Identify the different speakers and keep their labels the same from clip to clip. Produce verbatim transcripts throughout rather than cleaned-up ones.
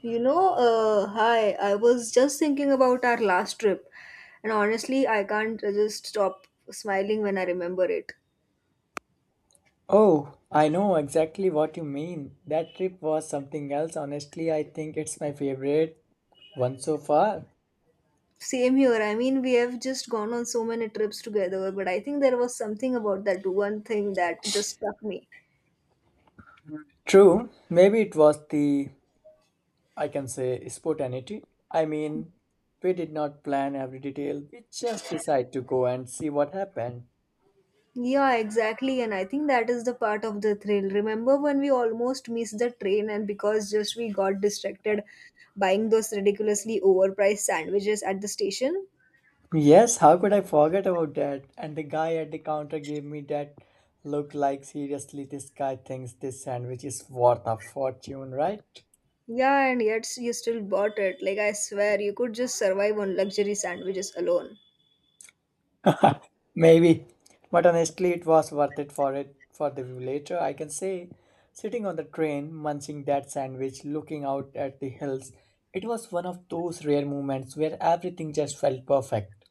Speaker 1: You know, uh, hi, I was just thinking about our last trip, and honestly, I can't just stop smiling when I remember it.
Speaker 2: Oh, I know exactly what you mean. That trip was something else. Honestly, I think it's my favorite one so far.
Speaker 1: Same here. I mean, we have just gone on so many trips together, but I think there was something about that one thing that just struck me.
Speaker 2: True, maybe it was the, I can say, spontaneity. I mean, we did not plan every detail, we just decided to go and see what happened.
Speaker 1: Yeah, exactly, and I think that is the part of the thrill. Remember when we almost missed the train, and because just we got distracted buying those ridiculously overpriced sandwiches at the station?
Speaker 2: Yes, how could I forget about that? And the guy at the counter gave me that look like, seriously, this guy thinks this sandwich is worth a fortune, right?
Speaker 1: Yeah, and yet you still bought it. Like, I swear, you could just survive on luxury sandwiches alone.
Speaker 2: Maybe, but honestly, it was worth it for it for the view later. I can say, sitting on the train, munching that sandwich, looking out at the hills, it was one of those rare moments where everything just felt perfect.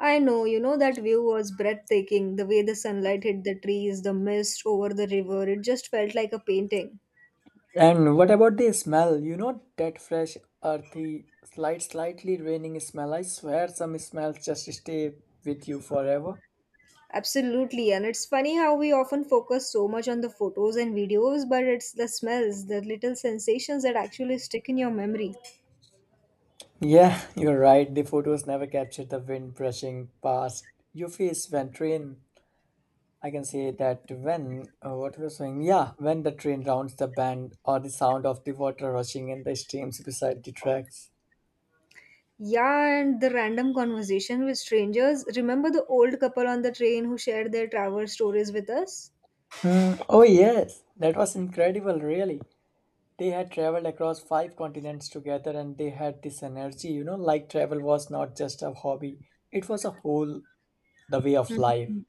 Speaker 1: I know, you know, that view was breathtaking. The way the sunlight hit the trees, the mist over the river, it just felt like a painting.
Speaker 2: And what about the smell? You know that fresh, earthy, slight, slightly raining smell. I swear, some smells just stay with you forever.
Speaker 1: Absolutely, and it's funny how we often focus so much on the photos and videos, but it's the smells, the little sensations that actually stick in your memory.
Speaker 2: Yeah, you're right. The photos never captured the wind brushing past your face when train I can say that when uh, what was saying, yeah, when the train rounds the bend or the sound of the water rushing in the streams beside the tracks.
Speaker 1: Yeah, and the random conversation with strangers. Remember the old couple on the train who shared their travel stories with us?
Speaker 2: Hmm. Oh yes, that was incredible, really. They had traveled across five continents together, and they had this energy, you know, like travel was not just a hobby; it was a whole the way of
Speaker 1: Hmm.
Speaker 2: life.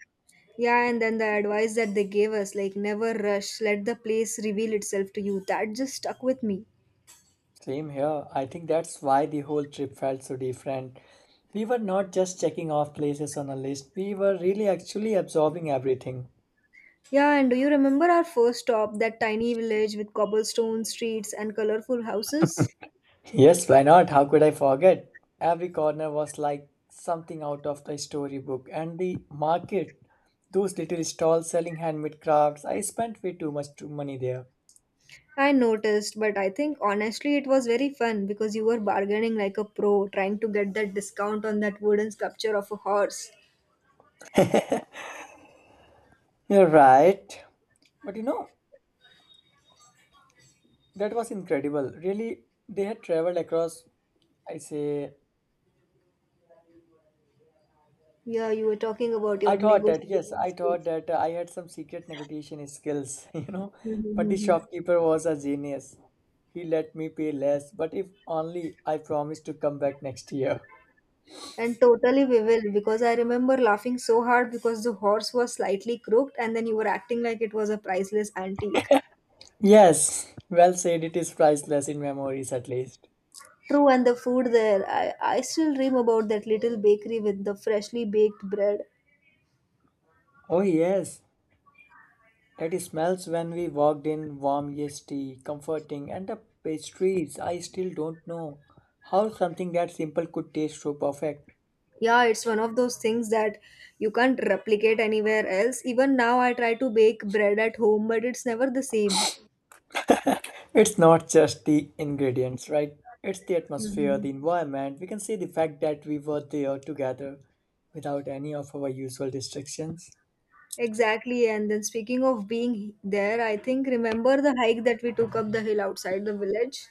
Speaker 1: Yeah, and then the advice that they gave us, like never rush, let the place reveal itself to you, that just stuck with me.
Speaker 2: Same here. I think that's why the whole trip felt so different. We were not just checking off places on a list; we were really actually absorbing everything.
Speaker 1: Yeah, and do you remember our first stop, that tiny village with cobblestone streets and colorful houses?
Speaker 2: Yes, why not? How could I forget? Every corner was like something out of the storybook, and the market, those little stalls selling handmade crafts, I spent way too much too money there.
Speaker 1: I noticed, but I think honestly it was very fun because you were bargaining like a pro, trying to get that discount on that wooden sculpture of a horse.
Speaker 2: You're right. But you know, that was incredible. Really, they had traveled across, I say,
Speaker 1: Yeah, you were talking about
Speaker 2: I
Speaker 1: your
Speaker 2: thought that, yes, I
Speaker 1: negotiation
Speaker 2: thought that uh, I had some secret negotiation skills, you know, but the
Speaker 1: skills.
Speaker 2: shopkeeper was a genius. He let me pay less, but if only I promised to come back next year.
Speaker 1: And totally we will, because I remember laughing so hard because the horse was slightly crooked and then you were acting like it was a priceless antique.
Speaker 2: Yes, well said. It is priceless in memories, at least.
Speaker 1: True, and the food there, I, I still dream about that little bakery with the freshly baked bread.
Speaker 2: Oh, yes, that smells when we walked in warm yeasty, comforting, and the pastries. I still don't know how something that simple could taste so perfect.
Speaker 1: Yeah, it's one of those things that you can't replicate anywhere else. Even now, I try to bake bread at home, but it's never the same.
Speaker 2: It's not just the ingredients, right? It's the atmosphere, the
Speaker 1: Mhm.
Speaker 2: environment. We can see the fact that we were there together without any of our usual distractions.
Speaker 1: Exactly, and then speaking of being there, I think remember the hike that we took up the hill outside the village?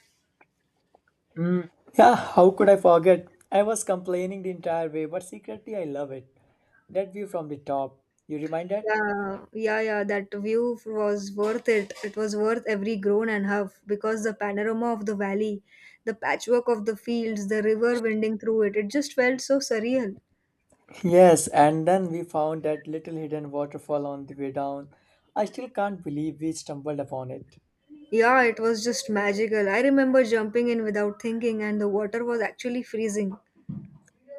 Speaker 2: Yeah, how could I forget? I was complaining the entire way, but secretly I love it. That view from the top, you reminded?
Speaker 1: Yeah, yeah, yeah. That view was worth it. It was worth every groan and huff because the panorama of the valley, the patchwork of the fields, the river winding through it, it just felt so surreal.
Speaker 2: Yes, and then we found that little hidden waterfall on the way down. I still can't believe we stumbled upon it.
Speaker 1: Yeah, it was just magical. I remember jumping in without thinking, and the water was actually freezing.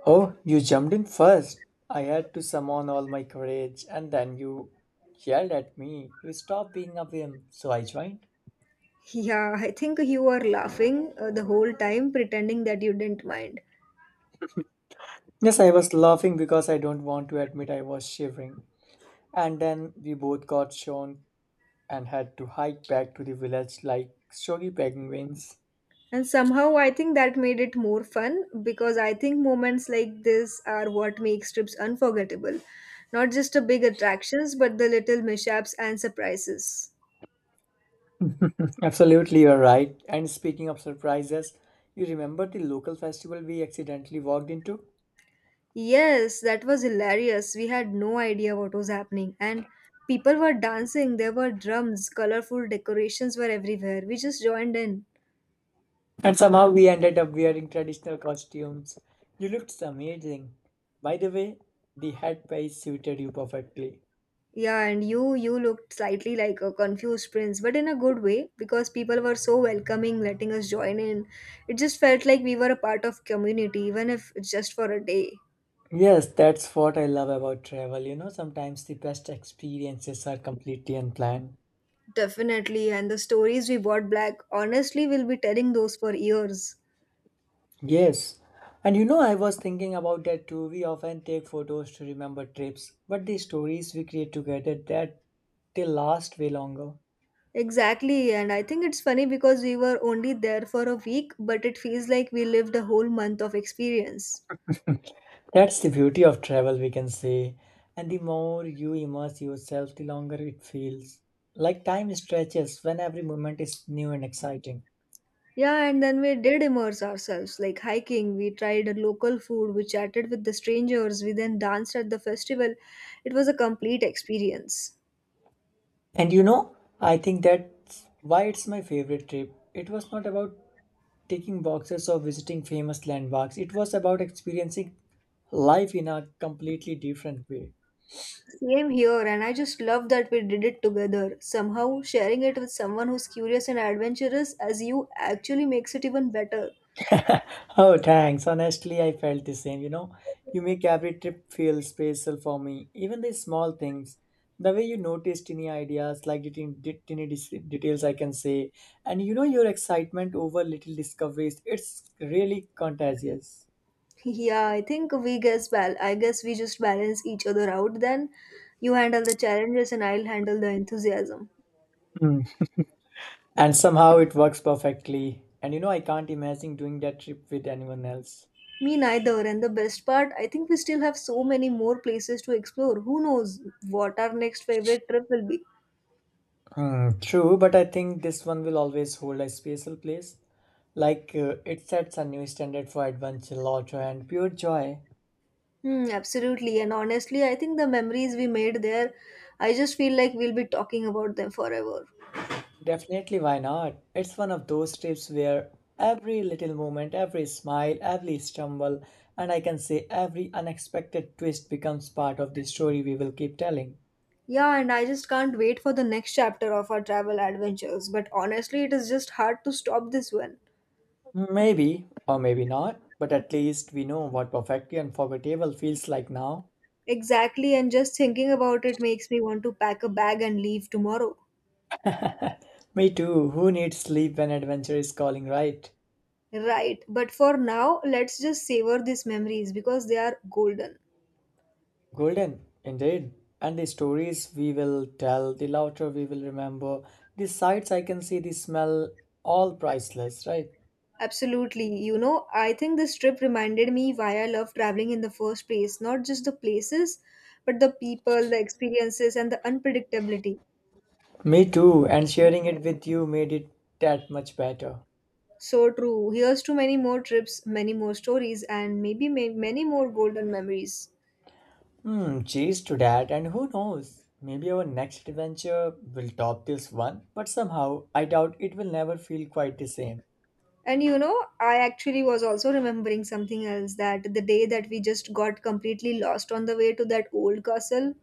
Speaker 2: Oh, you jumped in first. I had to summon all my courage, and then you yelled at me to stop being a whim, so I joined.
Speaker 1: Yeah, I think you were laughing uh, the whole time, pretending that you didn't mind.
Speaker 2: Yes, I was laughing because I don't want to admit I was shivering. And then we both got shown and had to hike back to the village like soggy begging wings.
Speaker 1: And somehow I think that made it more fun because I think moments like this are what makes trips unforgettable. Not just the big attractions, but the little mishaps and surprises.
Speaker 2: Absolutely, you're right. And speaking of surprises, you remember the local festival we accidentally walked into?
Speaker 1: Yes, that was hilarious. We had no idea what was happening. And people were dancing, there were drums, colorful decorations were everywhere. We just joined in.
Speaker 2: And somehow we ended up wearing traditional costumes. You looked amazing. By the way, the headpiece suited you perfectly.
Speaker 1: Yeah, and you you looked slightly like a confused prince, but in a good way because people were so welcoming, letting us join in. It just felt like we were a part of community, even if it's just for a day.
Speaker 2: Yes, that's what I love about travel. You know, sometimes the best experiences are completely unplanned.
Speaker 1: Definitely, and the stories we brought back, honestly, we'll be telling those for years.
Speaker 2: Yes. And you know, I was thinking about that too. We often take photos to remember trips, but the stories we create together that they last way longer.
Speaker 1: Exactly, and I think it's funny because we were only there for a week, but it feels like we lived a whole month of experience.
Speaker 2: That's the beauty of travel, we can say. And the more you immerse yourself, the longer it feels. Like time stretches when every moment is new and exciting.
Speaker 1: Yeah, and then we did immerse ourselves, like hiking. We tried a local food, we chatted with the strangers, we then danced at the festival. It was a complete experience.
Speaker 2: And you know, I think that's why it's my favorite trip. It was not about taking boxes or visiting famous landmarks, it was about experiencing life in a completely different way.
Speaker 1: Same here, and I just love that we did it together. Somehow, sharing it with someone who's curious and adventurous as you actually makes it even better.
Speaker 2: Oh, thanks. Honestly, I felt the same. You know, you make every trip feel special for me. Even the small things, the way you noticed tiny ideas, like the tin- tiny dis- details, I can say, and you know your excitement over little discoveries. It's really contagious.
Speaker 1: Yeah, I think we guess bal I guess we just balance each other out then. You handle the challenges and I'll handle the enthusiasm.
Speaker 2: Mm. And somehow it works perfectly. And you know, I can't imagine doing that trip with anyone else.
Speaker 1: Me neither. And the best part, I think we still have so many more places to explore. Who knows what our next favorite trip will be?
Speaker 2: Hmm, true, but I think this one will always hold a special place. Like uh, it sets a new standard for adventure, lotto, and pure joy.
Speaker 1: Hmm, absolutely. And honestly, I think the memories we made there, I just feel like we'll be talking about them forever.
Speaker 2: Definitely, why not? It's one of those trips where every little moment, every smile, every stumble, and I can say every unexpected twist becomes part of the story we will keep telling.
Speaker 1: Yeah, and I just can't wait for the next chapter of our travel adventures. But honestly, it is just hard to stop this one.
Speaker 2: Maybe, or maybe not, but at least we know what perfectly unforgettable feels like now.
Speaker 1: Exactly, and just thinking about it makes me want to pack a bag and leave tomorrow.
Speaker 2: Me too, who needs sleep when adventure is calling, right?
Speaker 1: Right, but for now, let's just savor these memories because they are golden.
Speaker 2: Golden, indeed. And the stories we will tell, the laughter we will remember, the sights I can see, the smell, all priceless, right?
Speaker 1: Absolutely. You know, I think this trip reminded me why I love traveling in the first place. Not just the places, but the people, the experiences, and the unpredictability.
Speaker 2: Me too, and sharing it with you made it that much better.
Speaker 1: So true. Here's to many more trips, many more stories, and maybe may- many more golden memories.
Speaker 2: Hmm, cheers to that, and who knows? Maybe our next adventure will top this one, but somehow I doubt it will never feel quite the same.
Speaker 1: And you know, I actually was also remembering something else that the day that we just got completely lost on the way to that old castle.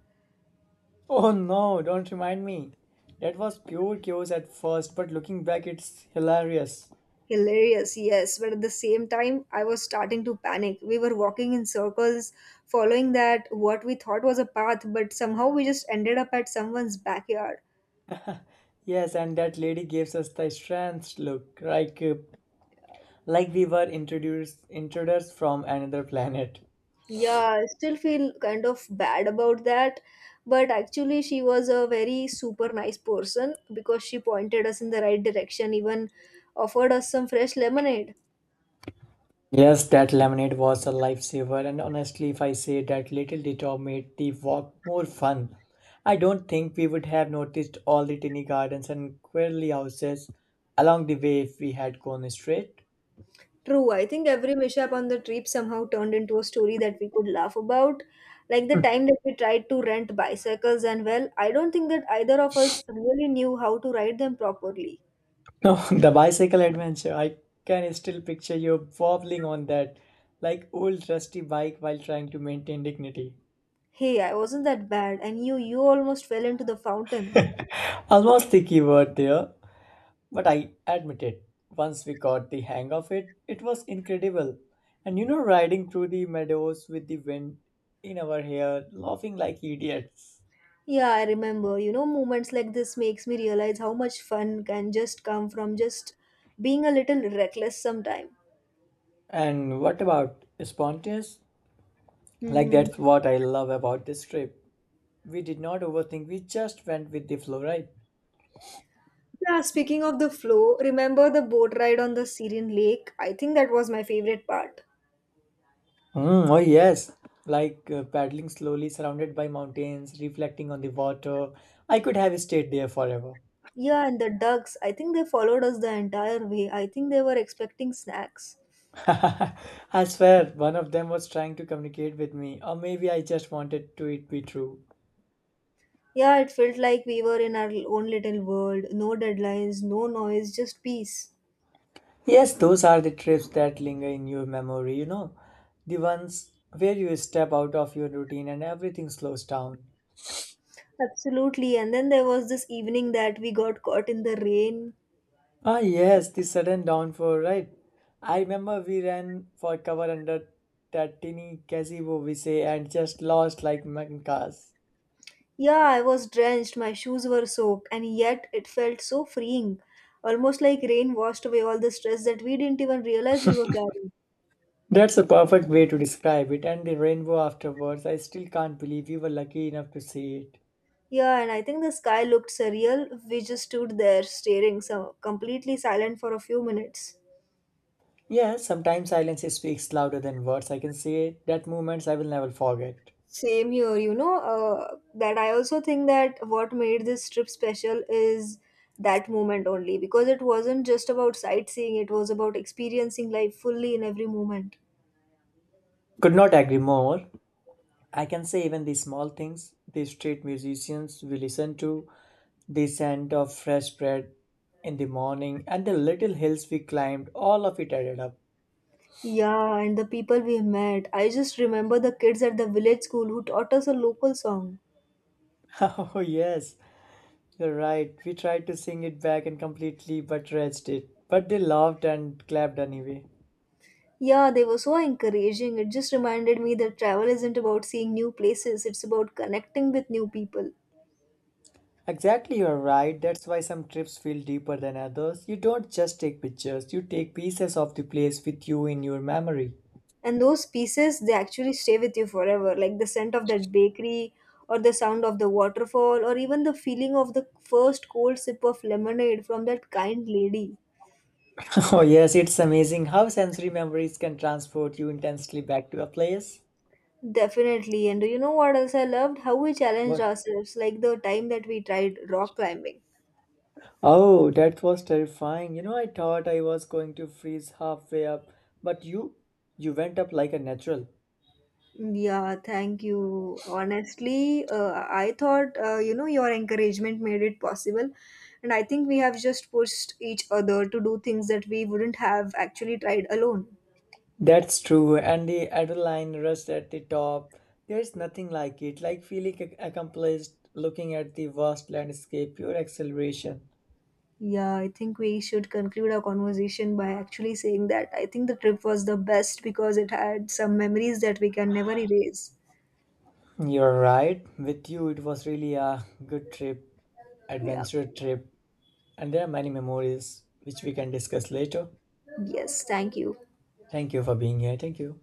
Speaker 2: Oh no, don't remind me. That was pure chaos at first, but looking back, it's hilarious.
Speaker 1: Hilarious, yes, but at the same time, I was starting to panic. We were walking in circles, following that what we thought was a path, but somehow we just ended up at someone's backyard.
Speaker 2: Yes, and that lady gives us the strange look, like uh, like we were introduced intruders from another planet.
Speaker 1: Yeah, I still feel kind of bad about that, but actually, she was a very super nice person because she pointed us in the right direction, even offered us some fresh lemonade.
Speaker 2: Yes, that lemonade was a lifesaver, and honestly, if I say that little detour made the walk more fun, I don't think we would have noticed all the tiny gardens and queerly houses along the way if we had gone straight.
Speaker 1: True, I think every mishap on the trip somehow turned into a story that we could laugh about. Like the time that we tried to rent bicycles, and well, I don't think that either of us really knew how to ride them properly.
Speaker 2: No, the bicycle adventure. I can still picture you wobbling on that like old rusty bike while trying to maintain dignity.
Speaker 1: Hey, I wasn't that bad, and you, you almost fell into the fountain.
Speaker 2: I was sticky word there, but I admit it. Once we got the hang of it, it was incredible. And you know, riding through the meadows with the wind in our hair, laughing like idiots.
Speaker 1: Yeah, I remember. You know, moments like this makes me realize how much fun can just come from just being a little reckless sometime.
Speaker 2: And what about spontaneous? Like
Speaker 1: Hmm.
Speaker 2: that's what I love about this trip. We did not overthink. We just went with the flow, right?
Speaker 1: Yeah, speaking of the flow, remember the boat ride on the Syrian lake? I think that was my favorite part.
Speaker 2: Mm, oh yes, like uh, paddling slowly, surrounded by mountains, reflecting on the water. I could have stayed there forever.
Speaker 1: Yeah, and the ducks, I think they followed us the entire way. I think they were expecting snacks.
Speaker 2: I swear, one of them was trying to communicate with me, or maybe I just wanted to it be true.
Speaker 1: Yeah, it felt like we were in our own little world. No deadlines, no noise, just peace.
Speaker 2: Yes, those are the trips that linger in your memory, you know, the ones where you step out of your routine and everything slows down.
Speaker 1: Absolutely. And then there was this evening that we got caught in the rain.
Speaker 2: Ah, yes, the sudden downfall, right? I remember we ran for cover under that tiny gazebo we say and just lost like mankas.
Speaker 1: Yeah, I was drenched, my shoes were soaked, and yet it felt so freeing. Almost like rain washed away all the stress that we didn't even realize we were carrying.
Speaker 2: That's a perfect way to describe it, and the rainbow afterwards, I still can't believe we were lucky enough to see it.
Speaker 1: Yeah, and I think the sky looked surreal. We just stood there staring, so completely silent for a few minutes.
Speaker 2: Yeah, sometimes silence speaks louder than words. I can say that moments I will never forget.
Speaker 1: Same here, you know, uh, that I also think that what made this trip special is that moment only because it wasn't just about sightseeing, it was about experiencing life fully in every moment.
Speaker 2: Could not agree more. I can say even the small things, the street musicians we listen to, the scent of fresh bread in the morning, and the little hills we climbed, all of it added up.
Speaker 1: Yeah, and the people we met. I just remember the kids at the village school who taught us a local song.
Speaker 2: Oh, yes, you're right. We tried to sing it back and completely but rushed it. But they laughed and clapped anyway.
Speaker 1: Yeah, they were so encouraging. It just reminded me that travel isn't about seeing new places, it's about connecting with new people.
Speaker 2: Exactly, you're right. That's why some trips feel deeper than others. You don't just take pictures, you take pieces of the place with you in your memory.
Speaker 1: And those pieces, they actually stay with you forever, like the scent of that bakery or the sound of the waterfall or even the feeling of the first cold sip of lemonade from that kind lady.
Speaker 2: Oh, yes, it's amazing how sensory memories can transport you intensely back to a place.
Speaker 1: Definitely, and do you know what else I loved? How we challenged
Speaker 2: What?
Speaker 1: ourselves, like the time that we tried rock climbing.
Speaker 2: Oh, that was terrifying. You know, I thought I was going to freeze halfway up, but you you went up like a natural.
Speaker 1: Yeah, thank you honestly, uh, I thought uh, you know your encouragement made it possible, and I think we have just pushed each other to do things that we wouldn't have actually tried alone.
Speaker 2: That's true, and the adrenaline rush at the top. There's nothing like it, like feeling ac- accomplished, looking at the vast landscape, pure acceleration.
Speaker 1: Yeah, I think we should conclude our conversation by actually saying that I think the trip was the best because it had some memories that we can never erase.
Speaker 2: You're right. With you, it was really a good trip,
Speaker 1: Yeah.
Speaker 2: adventure trip, and there are many memories which we can discuss later.
Speaker 1: Yes, thank you.
Speaker 2: Thank you for being here. Thank you.